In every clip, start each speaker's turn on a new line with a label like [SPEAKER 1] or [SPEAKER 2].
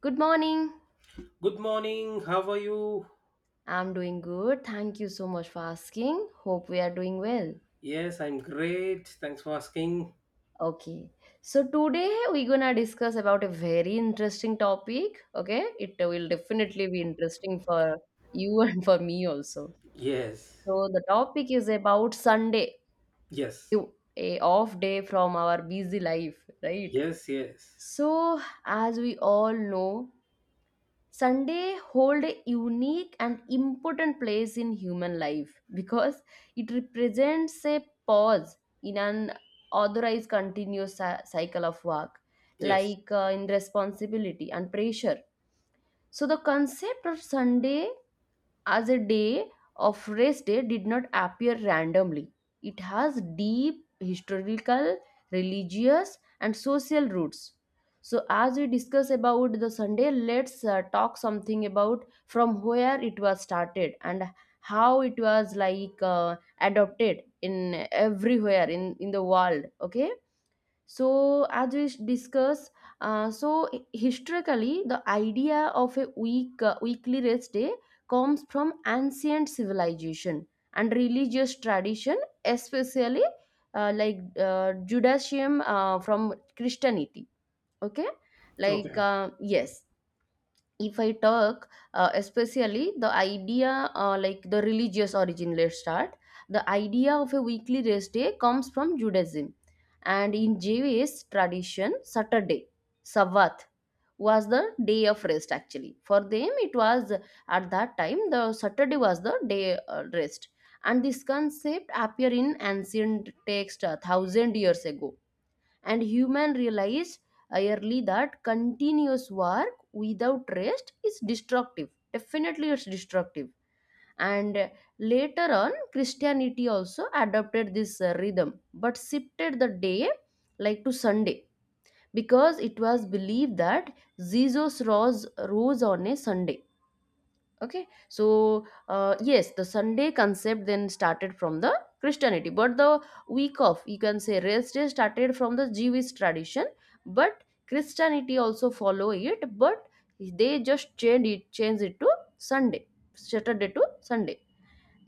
[SPEAKER 1] Good morning.
[SPEAKER 2] Good morning. How are you?
[SPEAKER 1] I'm doing good. Thank you so much for asking. Hope we are doing well.
[SPEAKER 2] Yes, I'm great. Thanks for asking.
[SPEAKER 1] Okay. So today we're going to discuss about a very interesting topic, okay? It will definitely be interesting for you and for me also.
[SPEAKER 2] Yes.
[SPEAKER 1] So the topic is about Sunday,
[SPEAKER 2] Yes.
[SPEAKER 1] a off day from our busy life, right?
[SPEAKER 2] Yes, yes.
[SPEAKER 1] So as we all know, Sunday hold a unique and important place in human life because it represents a pause in an authorized continuous cycle of work,
[SPEAKER 2] Yes.
[SPEAKER 1] like in responsibility and pressure. So the concept of Sunday as a day of rest day did not appear randomly. It has deep historical, religious, and social roots. So, as we discuss about the Sunday, let's talk something about from where it was started and how it was like adopted in everywhere in the world. Okay, so, as we discuss, so historically, the idea of a weekly rest day comes from ancient civilization and religious tradition, especially Judaism, from Christianity. Okay, like
[SPEAKER 2] Okay.
[SPEAKER 1] yes, if I talk, especially the idea, like the religious origin, let's start. The idea of a weekly rest day comes from Judaism, and in Jewish tradition Saturday, Sabbath, was the day of rest. Actually for them it was, at that time the Saturday was the day, rest, and this concept appeared in ancient text thousand years ago, and human realize early that continuous work without rest is destructive. Definitely it's destructive. And later on Christianity also adopted this rhythm but shifted the day like to Sunday, because it was believed that Jesus rose on a Sunday. Okay, so, yes, the Sunday concept then started from the Christianity, but the week off, you can say rest day, started from the Jewish tradition. But Christianity also follow it, but they just changed it to Sunday, Saturday to Sunday.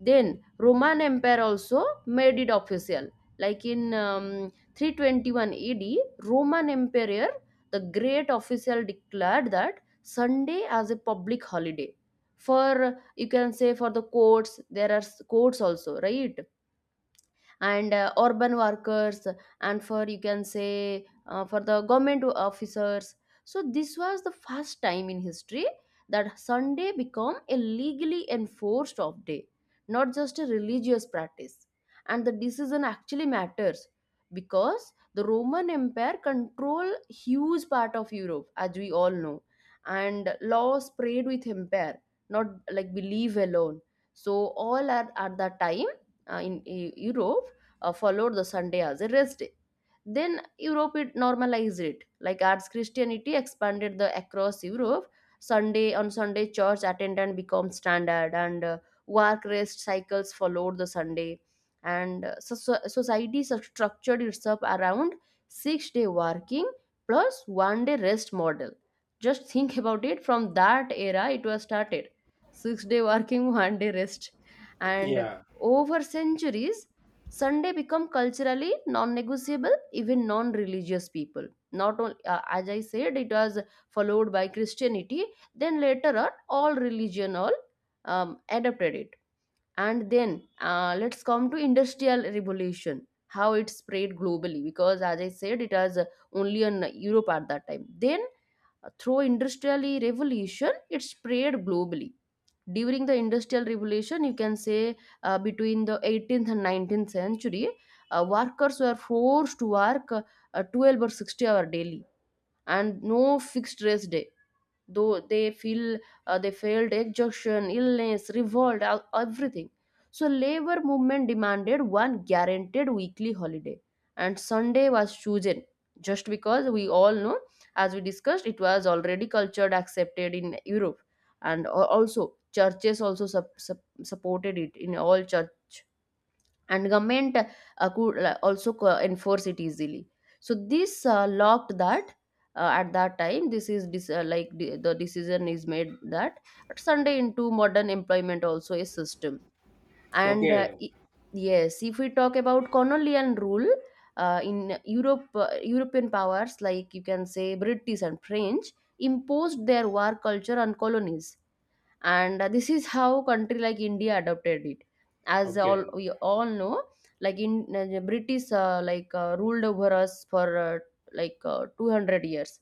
[SPEAKER 1] Then Roman Empire also made it official. Like in 321 AD, Roman Emperor the Great official declared that Sunday as a public holiday. For, you can say, for the courts, there are courts also, right? And urban workers, and for, you can say, for the government officers. So this was the first time in history that Sunday became a legally enforced off day, not just a religious practice. And the decision actually matters, because the Roman Empire controlled huge part of Europe, as we all know, and law spread with empire, not like believe alone. So all at that time, in Europe, followed the Sunday as a rest day. Then Europe it normalized it. Like as Christianity expanded the across Europe, Sunday on Sunday church attendance became standard, and work rest cycles followed the Sunday, and so society structured itself around 6 day working plus 1 day rest model. Just think about it. From that era, it was started 6 day working, 1 day rest, and
[SPEAKER 2] Yeah.
[SPEAKER 1] over centuries Sunday become culturally non-negotiable, even non-religious people. Not only, as I said, it was followed by Christianity. Then later on, all religion, all adopted it. And then let's come to industrial revolution, how it spread globally. Because as I said, it was only in Europe at that time. Then through industrial revolution, it spread globally. During the industrial revolution, you can say between the 18th and 19th century, workers were forced to work 12 or 60-hour daily and no fixed rest day. Though they feel, they felt exhaustion, illness, revolt, everything. So labor movement demanded one guaranteed weekly holiday, and Sunday was chosen, just because, we all know, as we discussed, it was already cultured accepted in Europe, and also churches also supported it in all churches, and government could also enforce it easily. So this locked that, at that time, this is the decision is made that at Sunday into modern employment also a system. And
[SPEAKER 2] Okay.
[SPEAKER 1] yes, if we talk about colonial rule, in europe European powers, like you can say British and French, imposed their war culture on colonies. And this is how country like India adopted it, as all
[SPEAKER 2] Okay.
[SPEAKER 1] we all know. Like in British ruled over us for 200 years.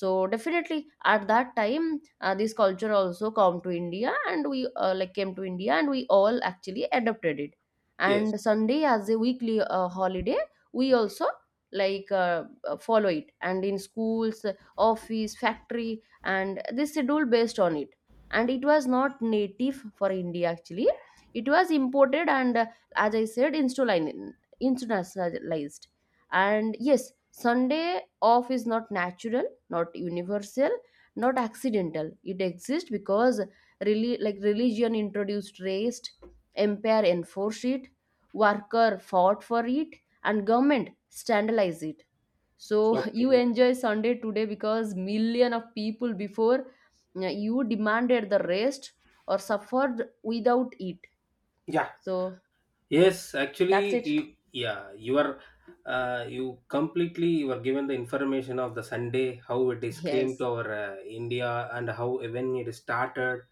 [SPEAKER 1] So definitely at that time this culture also come to India, and we like came to India, and we all actually adopted it,
[SPEAKER 2] Yes.
[SPEAKER 1] and Sunday as a weekly holiday we also, follow it, and in schools, office, factory, and this schedule based on it. And it was not native for India actually. It was imported, and as I said, internationalized. And yes, Sunday off is not natural, not universal, not accidental. It exists because, really, like religion introduced race, empire enforced it, worker fought for it, and government standardized it. So you
[SPEAKER 2] Okay.
[SPEAKER 1] enjoy Sunday today because million of people before, yeah, you demanded the rest or suffered without it.
[SPEAKER 2] Yeah.
[SPEAKER 1] So
[SPEAKER 2] Yes,
[SPEAKER 1] that's
[SPEAKER 2] actually
[SPEAKER 1] it.
[SPEAKER 2] you yeah, you are you completely you were given the information of the Sunday, how it is came to
[SPEAKER 1] Yes,
[SPEAKER 2] our India and how when it started.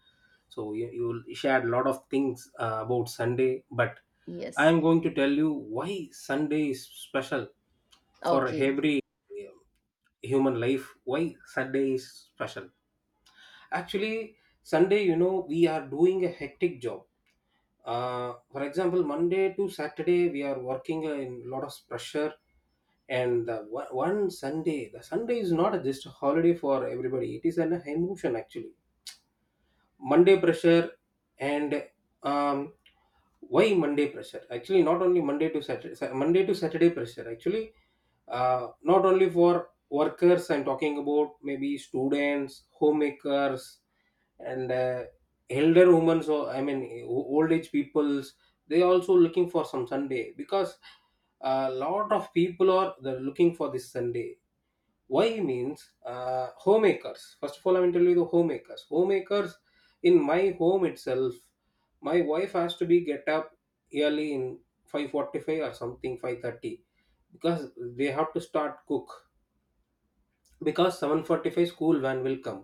[SPEAKER 2] So you shared a lot of things about Sunday, but I
[SPEAKER 1] yes,
[SPEAKER 2] am going to tell you why Sunday is special for
[SPEAKER 1] okay,
[SPEAKER 2] every human life. Why Sunday is special? Actually, Sunday, we are doing a hectic job. For example, Monday to Saturday, we are working in lot of pressure. And the one Sunday, the Sunday is not just a holiday for everybody. It is an emotion actually. Monday pressure, and um, why Monday pressure? Actually, not only Monday to Saturday, Monday to Saturday pressure. Actually, not only for workers. I'm talking about maybe students, homemakers, and elder women. So I mean, old age peoples. They also looking for some Sunday, because a lot of people are they're looking for this Sunday. Why means, homemakers, first of all I'm going tell you the homemakers. In my home itself, my wife has to be get up early in 5:45 or something 5:30, because they have to start cook, because 7:45 school van will come.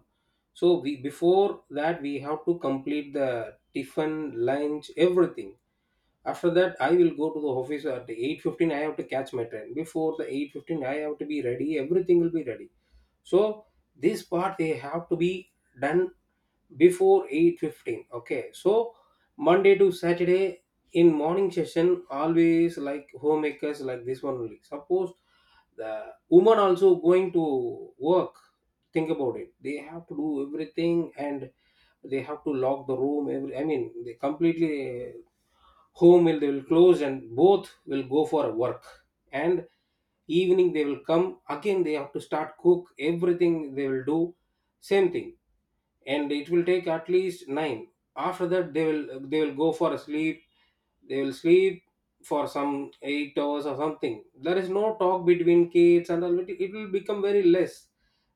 [SPEAKER 2] So we, before that we have to complete the tiffin, lunch, everything. After that I will go to the office at 8:15. I have to catch my train before the 8:15. I have to be ready, everything will be ready. So this part they have to be done before 8:15. Okay. So Monday to Saturday, in morning session always like homemakers, like this one only. Suppose the woman also going to work, think about it, they have to do everything. And they have to lock the room every, I mean they completely, home will, they will close and both will go for work. And evening they will come again, they have to start cook, everything they will do, same thing. And it will take at least 9. After that they will go for a sleep. They will sleep for some 8 hours or something. There is no talk between kids and all, it will become very less.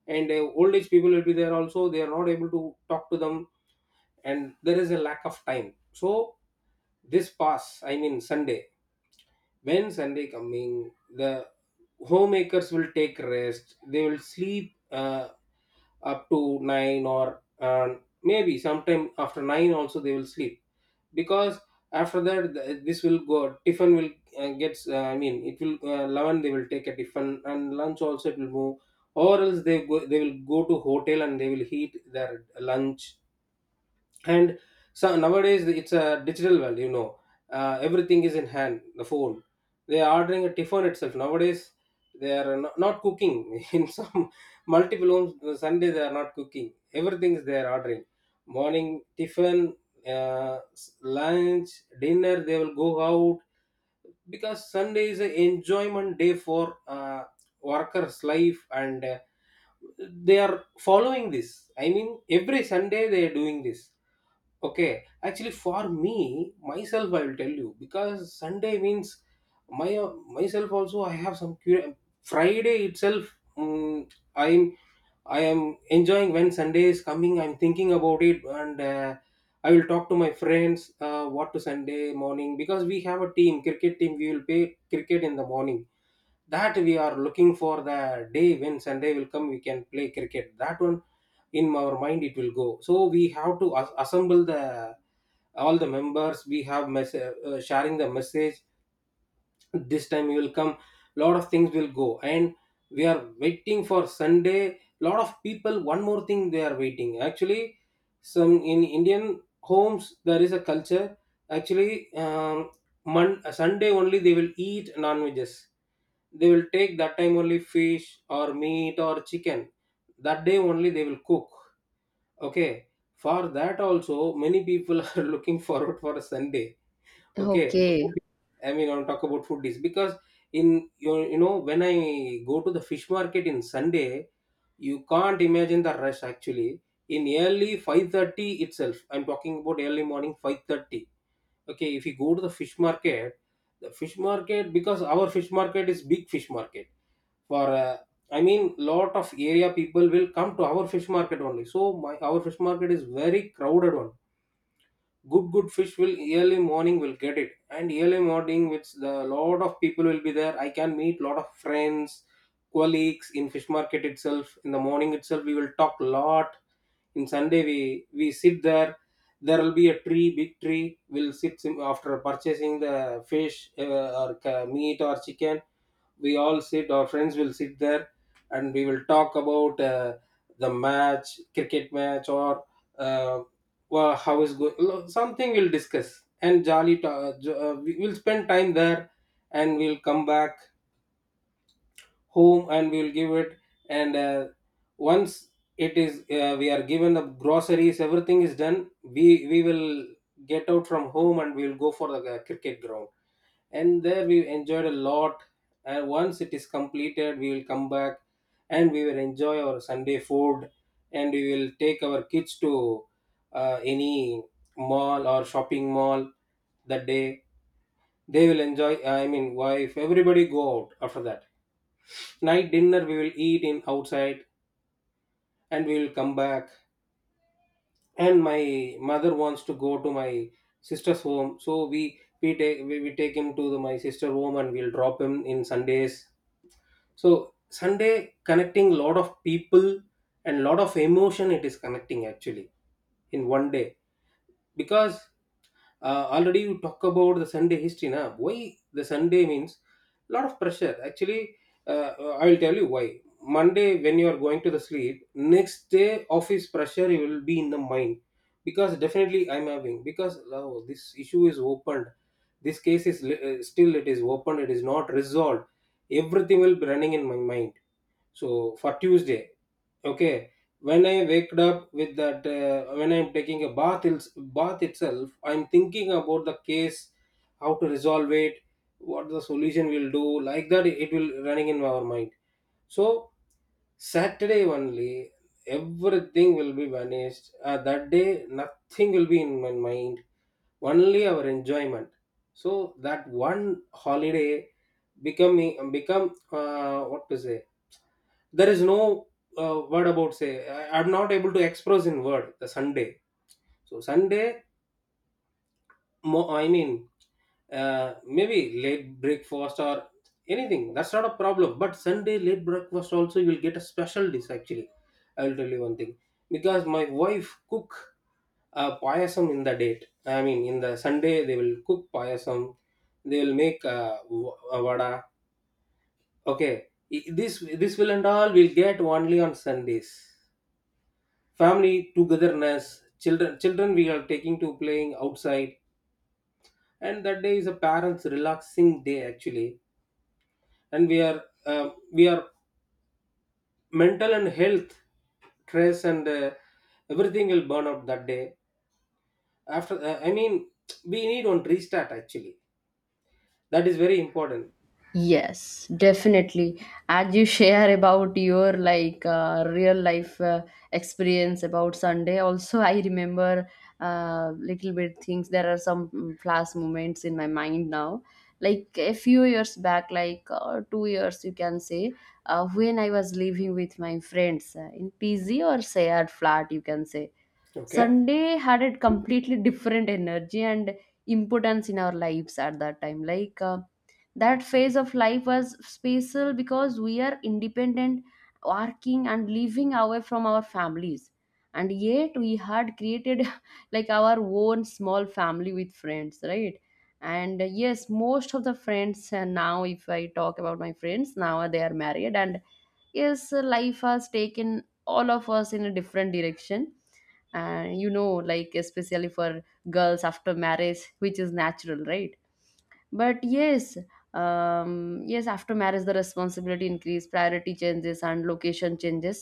[SPEAKER 2] And old age people will be there also, they are not able to talk to them. And there is a lack of time. So this pass, I mean Sunday, when Sunday coming, the homemakers will take rest, they will sleep up to 9, or maybe sometime after 9 also they will sleep. Because after that, this will go, tiffin will gets, I mean it will 11, they will take a tiffin, and lunch also it will move. Or else they go, they will go to hotel and they will heat their lunch. And so nowadays it's a digital world. Everything is in hand, the phone. They are ordering a tiffin itself nowadays, they are not cooking in some multiple homes. Sunday they are not cooking, everything is they are ordering. Morning tiffin, lunch, dinner they will go out. Because Sunday is an enjoyment day for uh, workers life. And they are following this, I mean every Sunday they are doing this. Okay, actually, for me, myself, I will tell you, because Sunday means my myself also. I have some Friday itself. mm I'm I am enjoying when Sunday is coming. I'm thinking about it, and I will talk to my friends what to Sunday morning. Because we have a team cricket team, we will play cricket in the morning. That we are looking for the day, when Sunday will come we can play cricket. That one in our mind it will go. So we have to assemble the all the members. We have sharing the message, this time you will come, lot of things will go. And we are waiting for Sunday, lot of people. One more thing they are waiting actually, some in Indian homes there is a culture actually, Sunday only they will eat non-veggies. They will take that time only fish or meat or chicken, that day only they will cook. Okay. For that also many people are looking forward for a Sunday. Okay, the food,
[SPEAKER 1] okay.
[SPEAKER 2] I mean I'll talk about foodies. Because in you know when I go to the fish market in Sunday, you can't imagine the rush actually. In early 5:30 itself, I'm talking about early morning 5:30. Okay, if you go to the fish market, the fish market, because our fish market is big fish market for, I mean lot of area people will come to our fish market only. So my our fish market is very crowded one. Good good fish will early morning will get it. And early morning which the lot of people will be there, I can meet lot of friends, colleagues in fish market itself. In the morning itself we will talk lot. In Sunday we sit there. There will be a tree, big tree. We'll sit, after purchasing the fish, or meat or chicken, we all sit, our friends will sit there. And we will talk about the match, cricket match, or uh, well, how is going, something we'll discuss, and jolly we'll spend time there. And we'll come back home and we'll give it. And once it is, we are given the groceries, everything is done, we we will get out from home and we'll go for the cricket ground. And there we enjoyed a lot. And once it is completed we will come back, and we will enjoy our Sunday food. And we will take our kids to any mall or shopping mall that day. They will enjoy, I mean wife, everybody go out after that. Night dinner we will eat in outside, and we will come back. And my mother wants to go to my sister's home, so we take him to my sister's home, and we'll drop him in Sundays. So Sunday connecting lot of people, and lot of emotion it is connecting actually in one day. Because already you talk about the Sunday history. Now, why the Sunday means lot of pressure actually. Uh, I will tell you why. Monday when you are going to the sleep, next day office pressure you will be in the mind, because definitely I'm having, because oh, this issue is opened, this case is still it is open, it is not resolved. Everything will be running in my mind. So for Tuesday, okay, when I waked up with that, when I'm taking a bath, bath itself, I'm thinking about the case, how to resolve it, what the solution will do, like that. It will running in our mind. So Saturday only, everything will be vanished. That day, nothing will be in my mind, only our enjoyment. So that one holiday becoming become, what to say, there is no word about say, I'm not able to express in word the Sunday. So Sunday I mean, maybe late breakfast or anything, that's not a problem. But Sunday late breakfast also you will get a special dish actually. I will tell you one thing, because my wife cook payasam in the date. I mean, in the Sunday they will cook payasam. They will make vada. Okay, this will and all will get only on Sundays. Family togetherness, children, we are taking to playing outside, and that day is a parents relaxing day actually. And we are we are mental and health stress, and everything will burn out that day. After, I mean we need one restart actually, that is very important.
[SPEAKER 1] Yes, definitely. As you share about your like real life experience about Sunday, also I remember little bit things. There are some flash moments in my mind now. Like a few years back, like 2 years, you can say, when I was living with my friends in PZ or shared flat, you can say.
[SPEAKER 2] Okay.
[SPEAKER 1] Sunday had a completely different energy and importance in our lives at that time. Like that phase of life was special because we are independent, working, and living away from our families. And yet we had created like our own small family with friends, right? And yes, most of the friends, now, if I talk about my friends, now they are married, and yes, life has taken all of us in a different direction. And you know, like, especially for girls after marriage, which is natural, right? But yes, yes, after marriage the responsibility increase, priority changes, and location changes.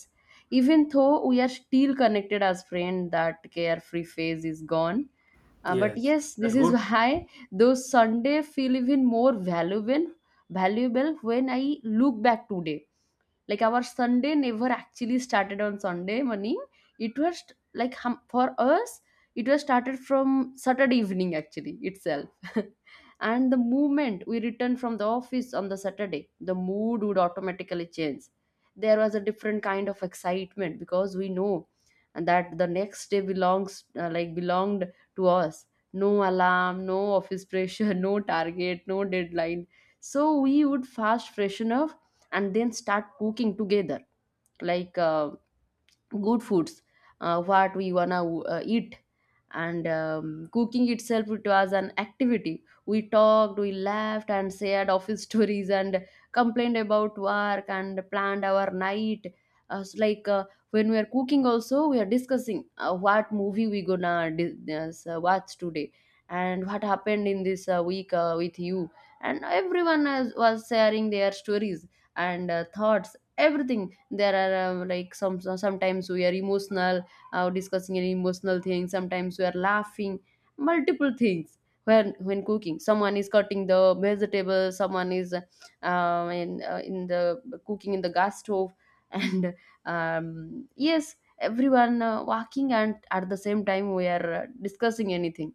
[SPEAKER 1] Even though we are still connected as friend, that carefree phase is gone. But
[SPEAKER 2] Yes,
[SPEAKER 1] yes, this
[SPEAKER 2] that
[SPEAKER 1] is
[SPEAKER 2] good.
[SPEAKER 1] why those Sunday feel even more valuable when I look back today. Like our Sunday never actually started on Sunday morning. It was like, for us, it was started from Saturday evening actually itself. And the moment we returned from the office on the Saturday, the mood would automatically change. There was a different kind of excitement, because we know that the next day belongs, belonged to us. No alarm, no office pressure, no target, no deadline. So we would fast freshen up and then start cooking together, like good foods, what we wanna eat. And cooking itself, it was an activity. We talked, we laughed, and shared office stories, and complained about work, and planned our night. uh, so like uh, when we are cooking also, we are discussing what movie we gonna watch today, and what happened in this week with you. And everyone was sharing their stories and thoughts, everything. There are, some, sometimes we are emotional, discussing an emotional thing, sometimes we are laughing, multiple things. When cooking, someone is cutting the vegetable, someone is in the cooking in the gas stove. And yes, everyone walking, and at the same time we are discussing anything.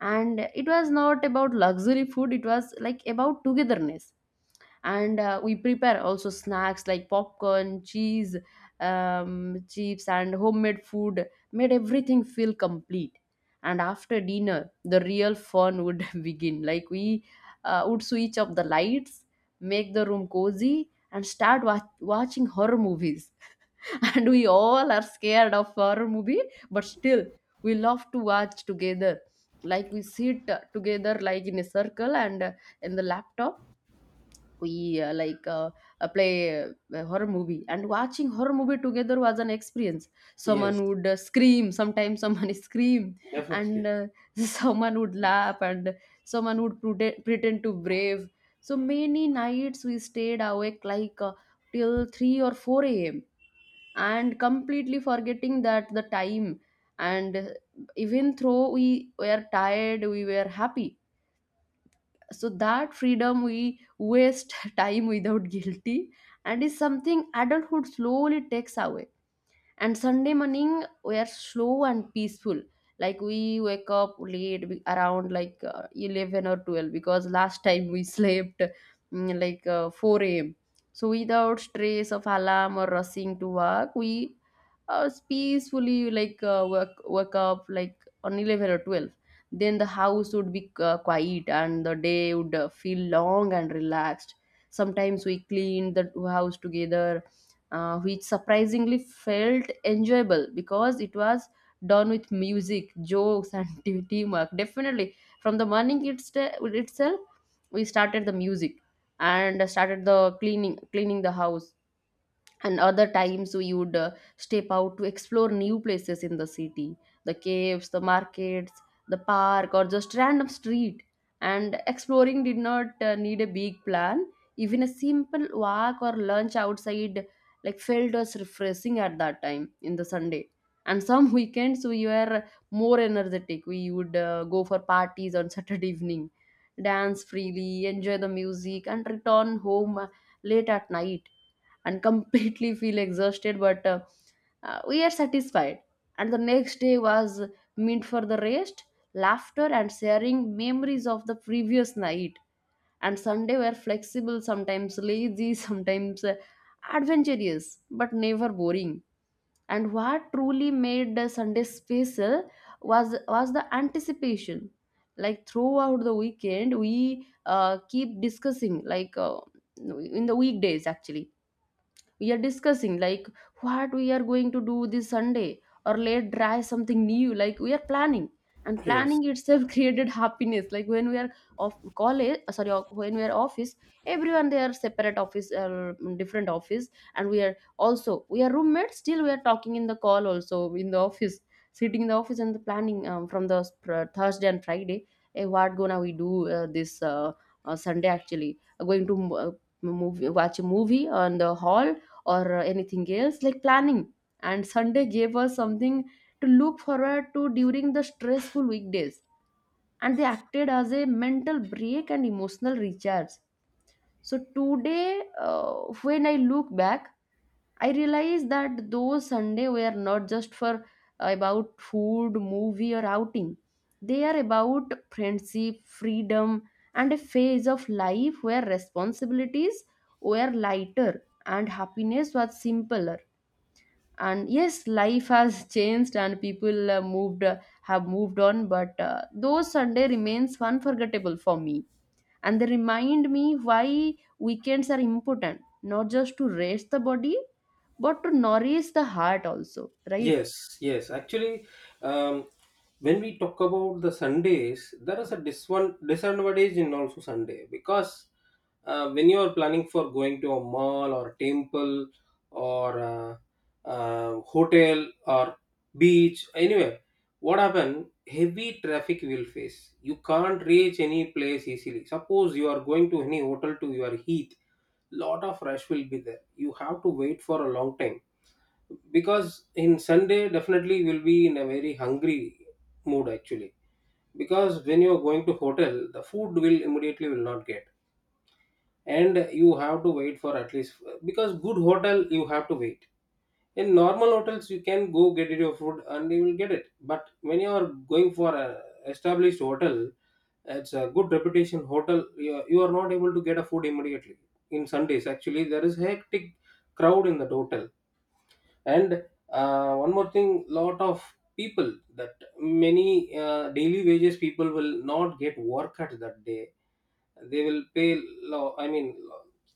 [SPEAKER 1] And it was not about luxury food, it was like about togetherness. And we prepare also snacks like popcorn, cheese, chips, and homemade food made everything feel complete. And after dinner the real fun would begin. Like we would switch up the lights, make the room cozy, and start watching horror movies. And we all are scared of horror movie, but still we love to watch together. Like we sit together like in a circle, and in the laptop we, play, a horror movie. And watching horror movie together was an experience. Someone
[SPEAKER 2] Yes,
[SPEAKER 1] would scream, sometimes someone scream, and
[SPEAKER 2] definitely.
[SPEAKER 1] someone would laugh, and someone would pretend to brave. So many nights we stayed awake, like till 3 or 4 a.m., and completely forgetting that the time. And even though we were tired, we were happy. So that freedom we waste time without guilty, and is something adulthood slowly takes away. And Sunday morning we are slow and peaceful. Like we wake up late, around like 11 or 12, because last time we slept like 4 a.m. So without stress of alarm or rushing to work, we Peacefully, like wake up like on 11 or 12. Then the house would be quiet and the day would feel long and relaxed. Sometimes we clean the house together, which surprisingly felt enjoyable because it was done with music, jokes, and teamwork. Definitely, from the morning it's itself, we started the music and started the cleaning the house. And other times we would step out to explore new places in the city, the caves, the markets, the park, or just random street. And exploring did not need a big plan. Even a simple walk or lunch outside like felt us refreshing at that time in the Sunday. And some weekends we were more energetic. We would go for parties on Saturday evening, dance freely, enjoy the music, and return home late at night and completely feel exhausted, but we are satisfied. And the next day was meant for the rest, laughter, and sharing memories of the previous night. And Sunday were flexible, sometimes lazy, sometimes adventurous, but never boring. And what truly made Sunday special was the anticipation. Like throughout the weekend we keep discussing like in the weekdays actually we are discussing like what we are going to do this Sunday, or let's try something new, like we are planning. And
[SPEAKER 2] Yes.
[SPEAKER 1] planning itself created happiness. Like when we are of college, sorry, when we are office, everyone, they are separate office, different office, and we are also, we are roommates, still we are talking in the call also in the office. Sitting in the office and the planning from the Thursday and Friday: hey, what gonna we do this Sunday? Actually going to movie, watch a movie on the hall, or anything else, like planning. And Sunday gave us something to look forward to during the stressful weekdays, and they acted as a mental break and emotional recharge. So today, when I look back, I realize that those Sunday were not just for about food, movie, or outing. They are about friendship, freedom, and a phase of life where responsibilities were lighter and happiness was simpler. And yes, life has changed and people moved have moved on, but those Sunday remains unforgettable for me. And they remind me why weekends are important, not just to rest the body but to nourish the heart also, right?
[SPEAKER 2] Yes, yes. Actually, um, when we talk about the Sundays, there is a dis one disadvantage in also Sunday. Because when you are planning for going to a mall or temple, or hotel or beach anywhere, what happen? Heavy traffic will face, you can't reach any place easily. Suppose you are going to any hotel to your heath, lot of rush will be there. You have to wait for a long time because in Sunday definitely will be in a very hungry mood actually, because when you're going to hotel the food will immediately will not get, and you have to wait for at least, because good hotel you have to wait. In normal hotels you can go get your food and you will get it, but when you are going for a established hotel, it's a good reputation hotel, you are not able to get a food immediately. In Sundays actually there is hectic crowd in the hotel. And one more thing, lot of people, that many daily wages people will not get work at that day. They will pay low, I mean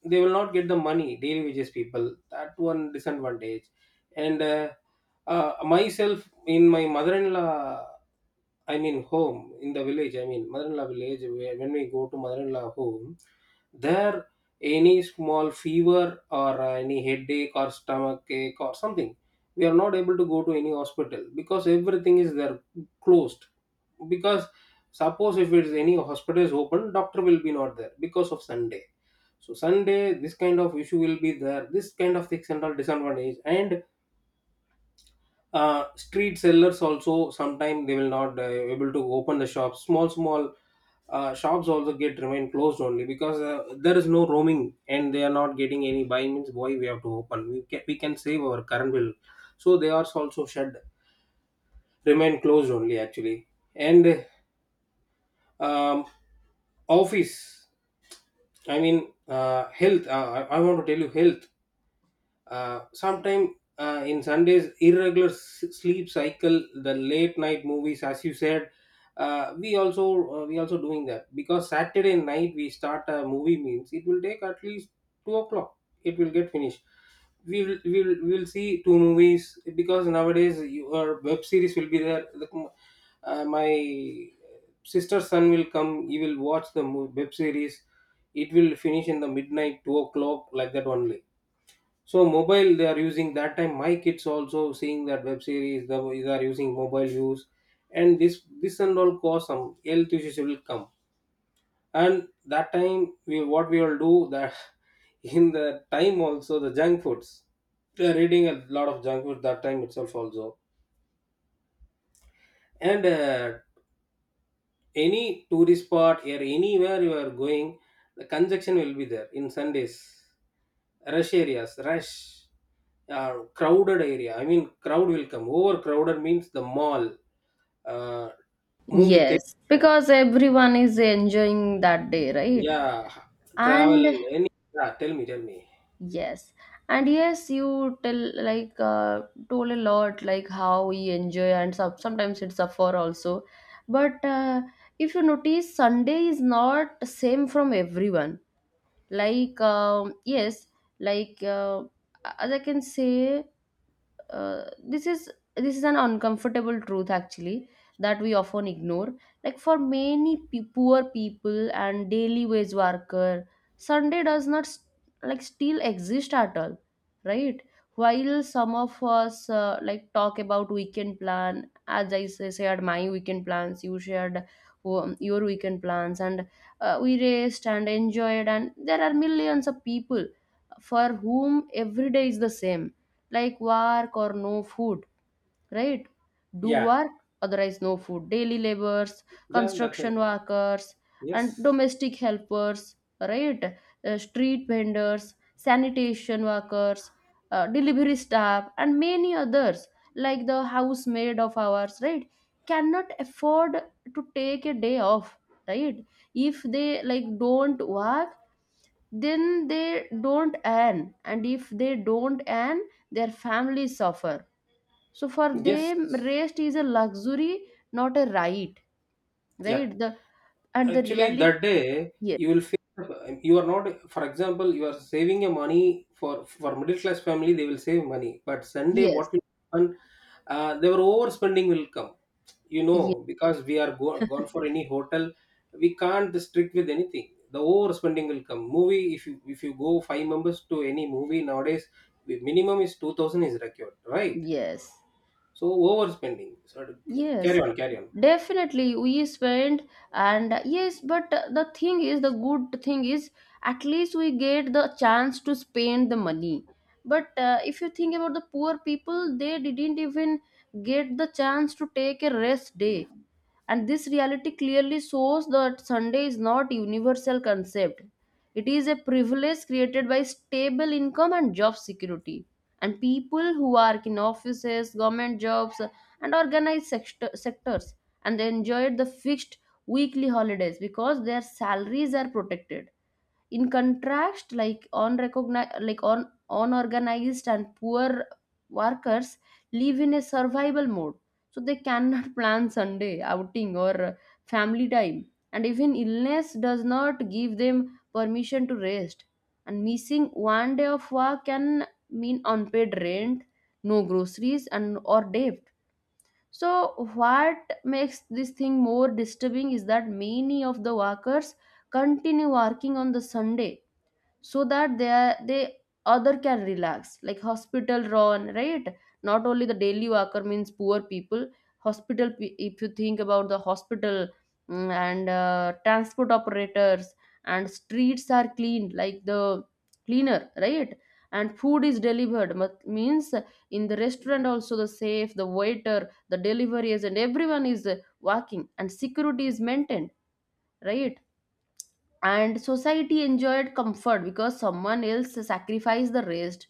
[SPEAKER 2] they will not get the money, daily wages people, that one disadvantage. And Myself in my mother-in-law, I mean home in the village. I mean mother-in-law village. Where, when we go to mother-in-law home, there any small fever or any headache or stomach ache or something, we are not able to go to any hospital because everything is there closed. Because suppose if it's any hospital is open, doctor will be not there because of Sunday. So Sunday, this kind of issue will be there. This kind of things and all disadvantage. And Street sellers also sometimes they will not able to open the shops, small small shops also get remain closed only, because there is no roaming and they are not getting any buying, means why we have to open, we can save our current bill, so they are also shut, remain closed only actually. And um, Office, I mean health, I want to tell you health. Sometime in Sundays, irregular sleep cycle, the late night movies, as you said, uh, we also we also doing that, because Saturday night we start a movie means it will take at least 2 o'clock. It will get finished. We will see two movies, because nowadays your web series will be there. My sister's son will come. He will watch the web series. It will finish in the midnight 2 o'clock like that only. So mobile they are using that time. My kids also seeing that web series. They are using mobile use, and this and all cause some health issues will come. And that time we what we will do that in the time also the junk foods. They are eating a lot of junk food that time itself also. And any tourist spot or anywhere you are going, the congestion will be there in Sundays. Rush areas, rush, crowded area. I mean, crowd will come. Overcrowded means the mall, uh, movie
[SPEAKER 1] Yes,
[SPEAKER 2] theater.
[SPEAKER 1] because everyone is enjoying that day, right?
[SPEAKER 2] Yeah, travel.
[SPEAKER 1] And
[SPEAKER 2] Any? Yeah, tell me, tell me.
[SPEAKER 1] yes, and yes, you tell like told a lot like how we enjoy and sometimes it's suffer also. But if you notice, Sunday is not same from everyone. Like, um, yes, like as I can say, uh, this is this is an uncomfortable truth actually that we often ignore. Like for many poor people and daily wage worker, Sunday does not s like still exist at all, right? While some of us like talk about weekend plan, as I say, shared my weekend plans, you shared your weekend plans, and we raced and enjoyed, and there are millions of people for whom every day is the same. Like work or no food, right? Do
[SPEAKER 2] Yeah,
[SPEAKER 1] work, otherwise no food. Daily laborers,
[SPEAKER 2] yeah, that's it.
[SPEAKER 1] construction workers, and
[SPEAKER 2] Yes,
[SPEAKER 1] domestic helpers, right? Street vendors, sanitation workers, delivery staff, and many others, like the housemaid of ours, right? Cannot afford to take a day off, right? If they like don't work, then they don't earn, and if they don't earn, their families suffer. So for
[SPEAKER 2] yes,
[SPEAKER 1] them, rest is a luxury, not a right,
[SPEAKER 2] yeah.
[SPEAKER 1] right? The and the
[SPEAKER 2] Actually,
[SPEAKER 1] reality,
[SPEAKER 2] that day
[SPEAKER 1] yes,
[SPEAKER 2] you will feel you are not. For example, you are saving your money, for middle class family. They will save money, but Sunday
[SPEAKER 1] yes,
[SPEAKER 2] what will happen? Their overspending will come. You know,
[SPEAKER 1] yes,
[SPEAKER 2] because we are gone for any hotel, we can't strict with anything, the overspending will come. Movie, if you go five members to any movie nowadays, the minimum is 2,000 is required, right?
[SPEAKER 1] yes,
[SPEAKER 2] So overspending, so
[SPEAKER 1] yes,
[SPEAKER 2] carry on, carry on.
[SPEAKER 1] definitely we spend, and yes, but the thing is, the good thing is at least we get the chance to spend the money. But if you think about the poor people, they didn't even get the chance to take a rest day. And this reality clearly shows that Sunday is not universal concept. It is a privilege created by stable income and job security. And people who work in offices, government jobs, and organized sectors, and they enjoyed the fixed weekly holidays because their salaries are protected. In contrast, like unrecognized, like unorganized and poor workers live in a survival mode, so they cannot plan Sunday outing or family time. And even illness does not give them permission to rest, and missing one day of work can mean unpaid rent, no groceries, and or debt. So what makes this thing more disturbing is that many of the workers continue working on the Sunday so that they other can relax, like hospital run, right? Not only the daily worker means poor people, hospital, if you think about the hospital, mm, and transport operators, and streets are cleaned like the cleaner, right? And food is delivered, means in the restaurant also, the safe, the waiter, the delivery agent, everyone is working, and security is maintained, right? And society enjoyed comfort because someone else sacrificed the rest.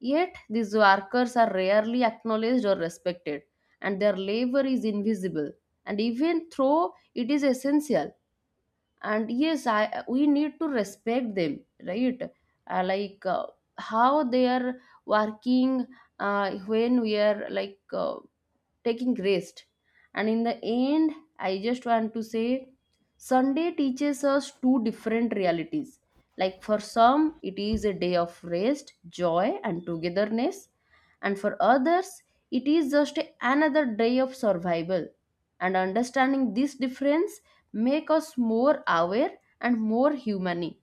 [SPEAKER 1] Yet these workers are rarely acknowledged or respected, and their labor is invisible. And even though it is essential, and yes, I, we need to respect them, right? Like how they are working when we are like taking rest. And in the end, I just want to say Sunday teaches us two different realities. Like for some, it is a day of rest, joy, and togetherness. And for others, it is just another day of survival. And understanding this difference make us more aware and more humane.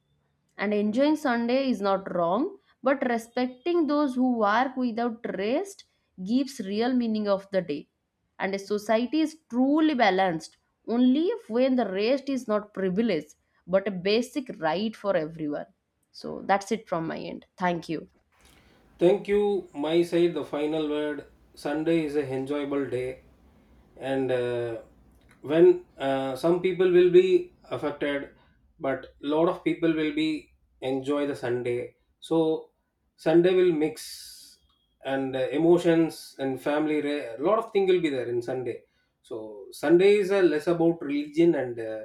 [SPEAKER 1] And enjoying Sunday is not wrong, but respecting those who work without rest gives real meaning of the day. And a society is truly balanced only when the rest is not privilege but a basic right for everyone. So that's it from my end. Thank you.
[SPEAKER 2] Thank you. My side, the final word. Sunday is a enjoyable day, and when some people will be affected, but lot of people will be enjoy the Sunday. So Sunday will mix and emotions and family. A lot of thing will be there in Sunday. So Sunday is less about religion and uh,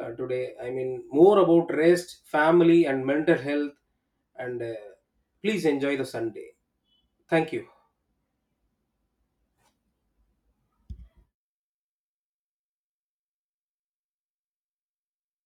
[SPEAKER 2] uh, today, I mean more about rest, family, and mental health. And please enjoy the Sunday. Thank you.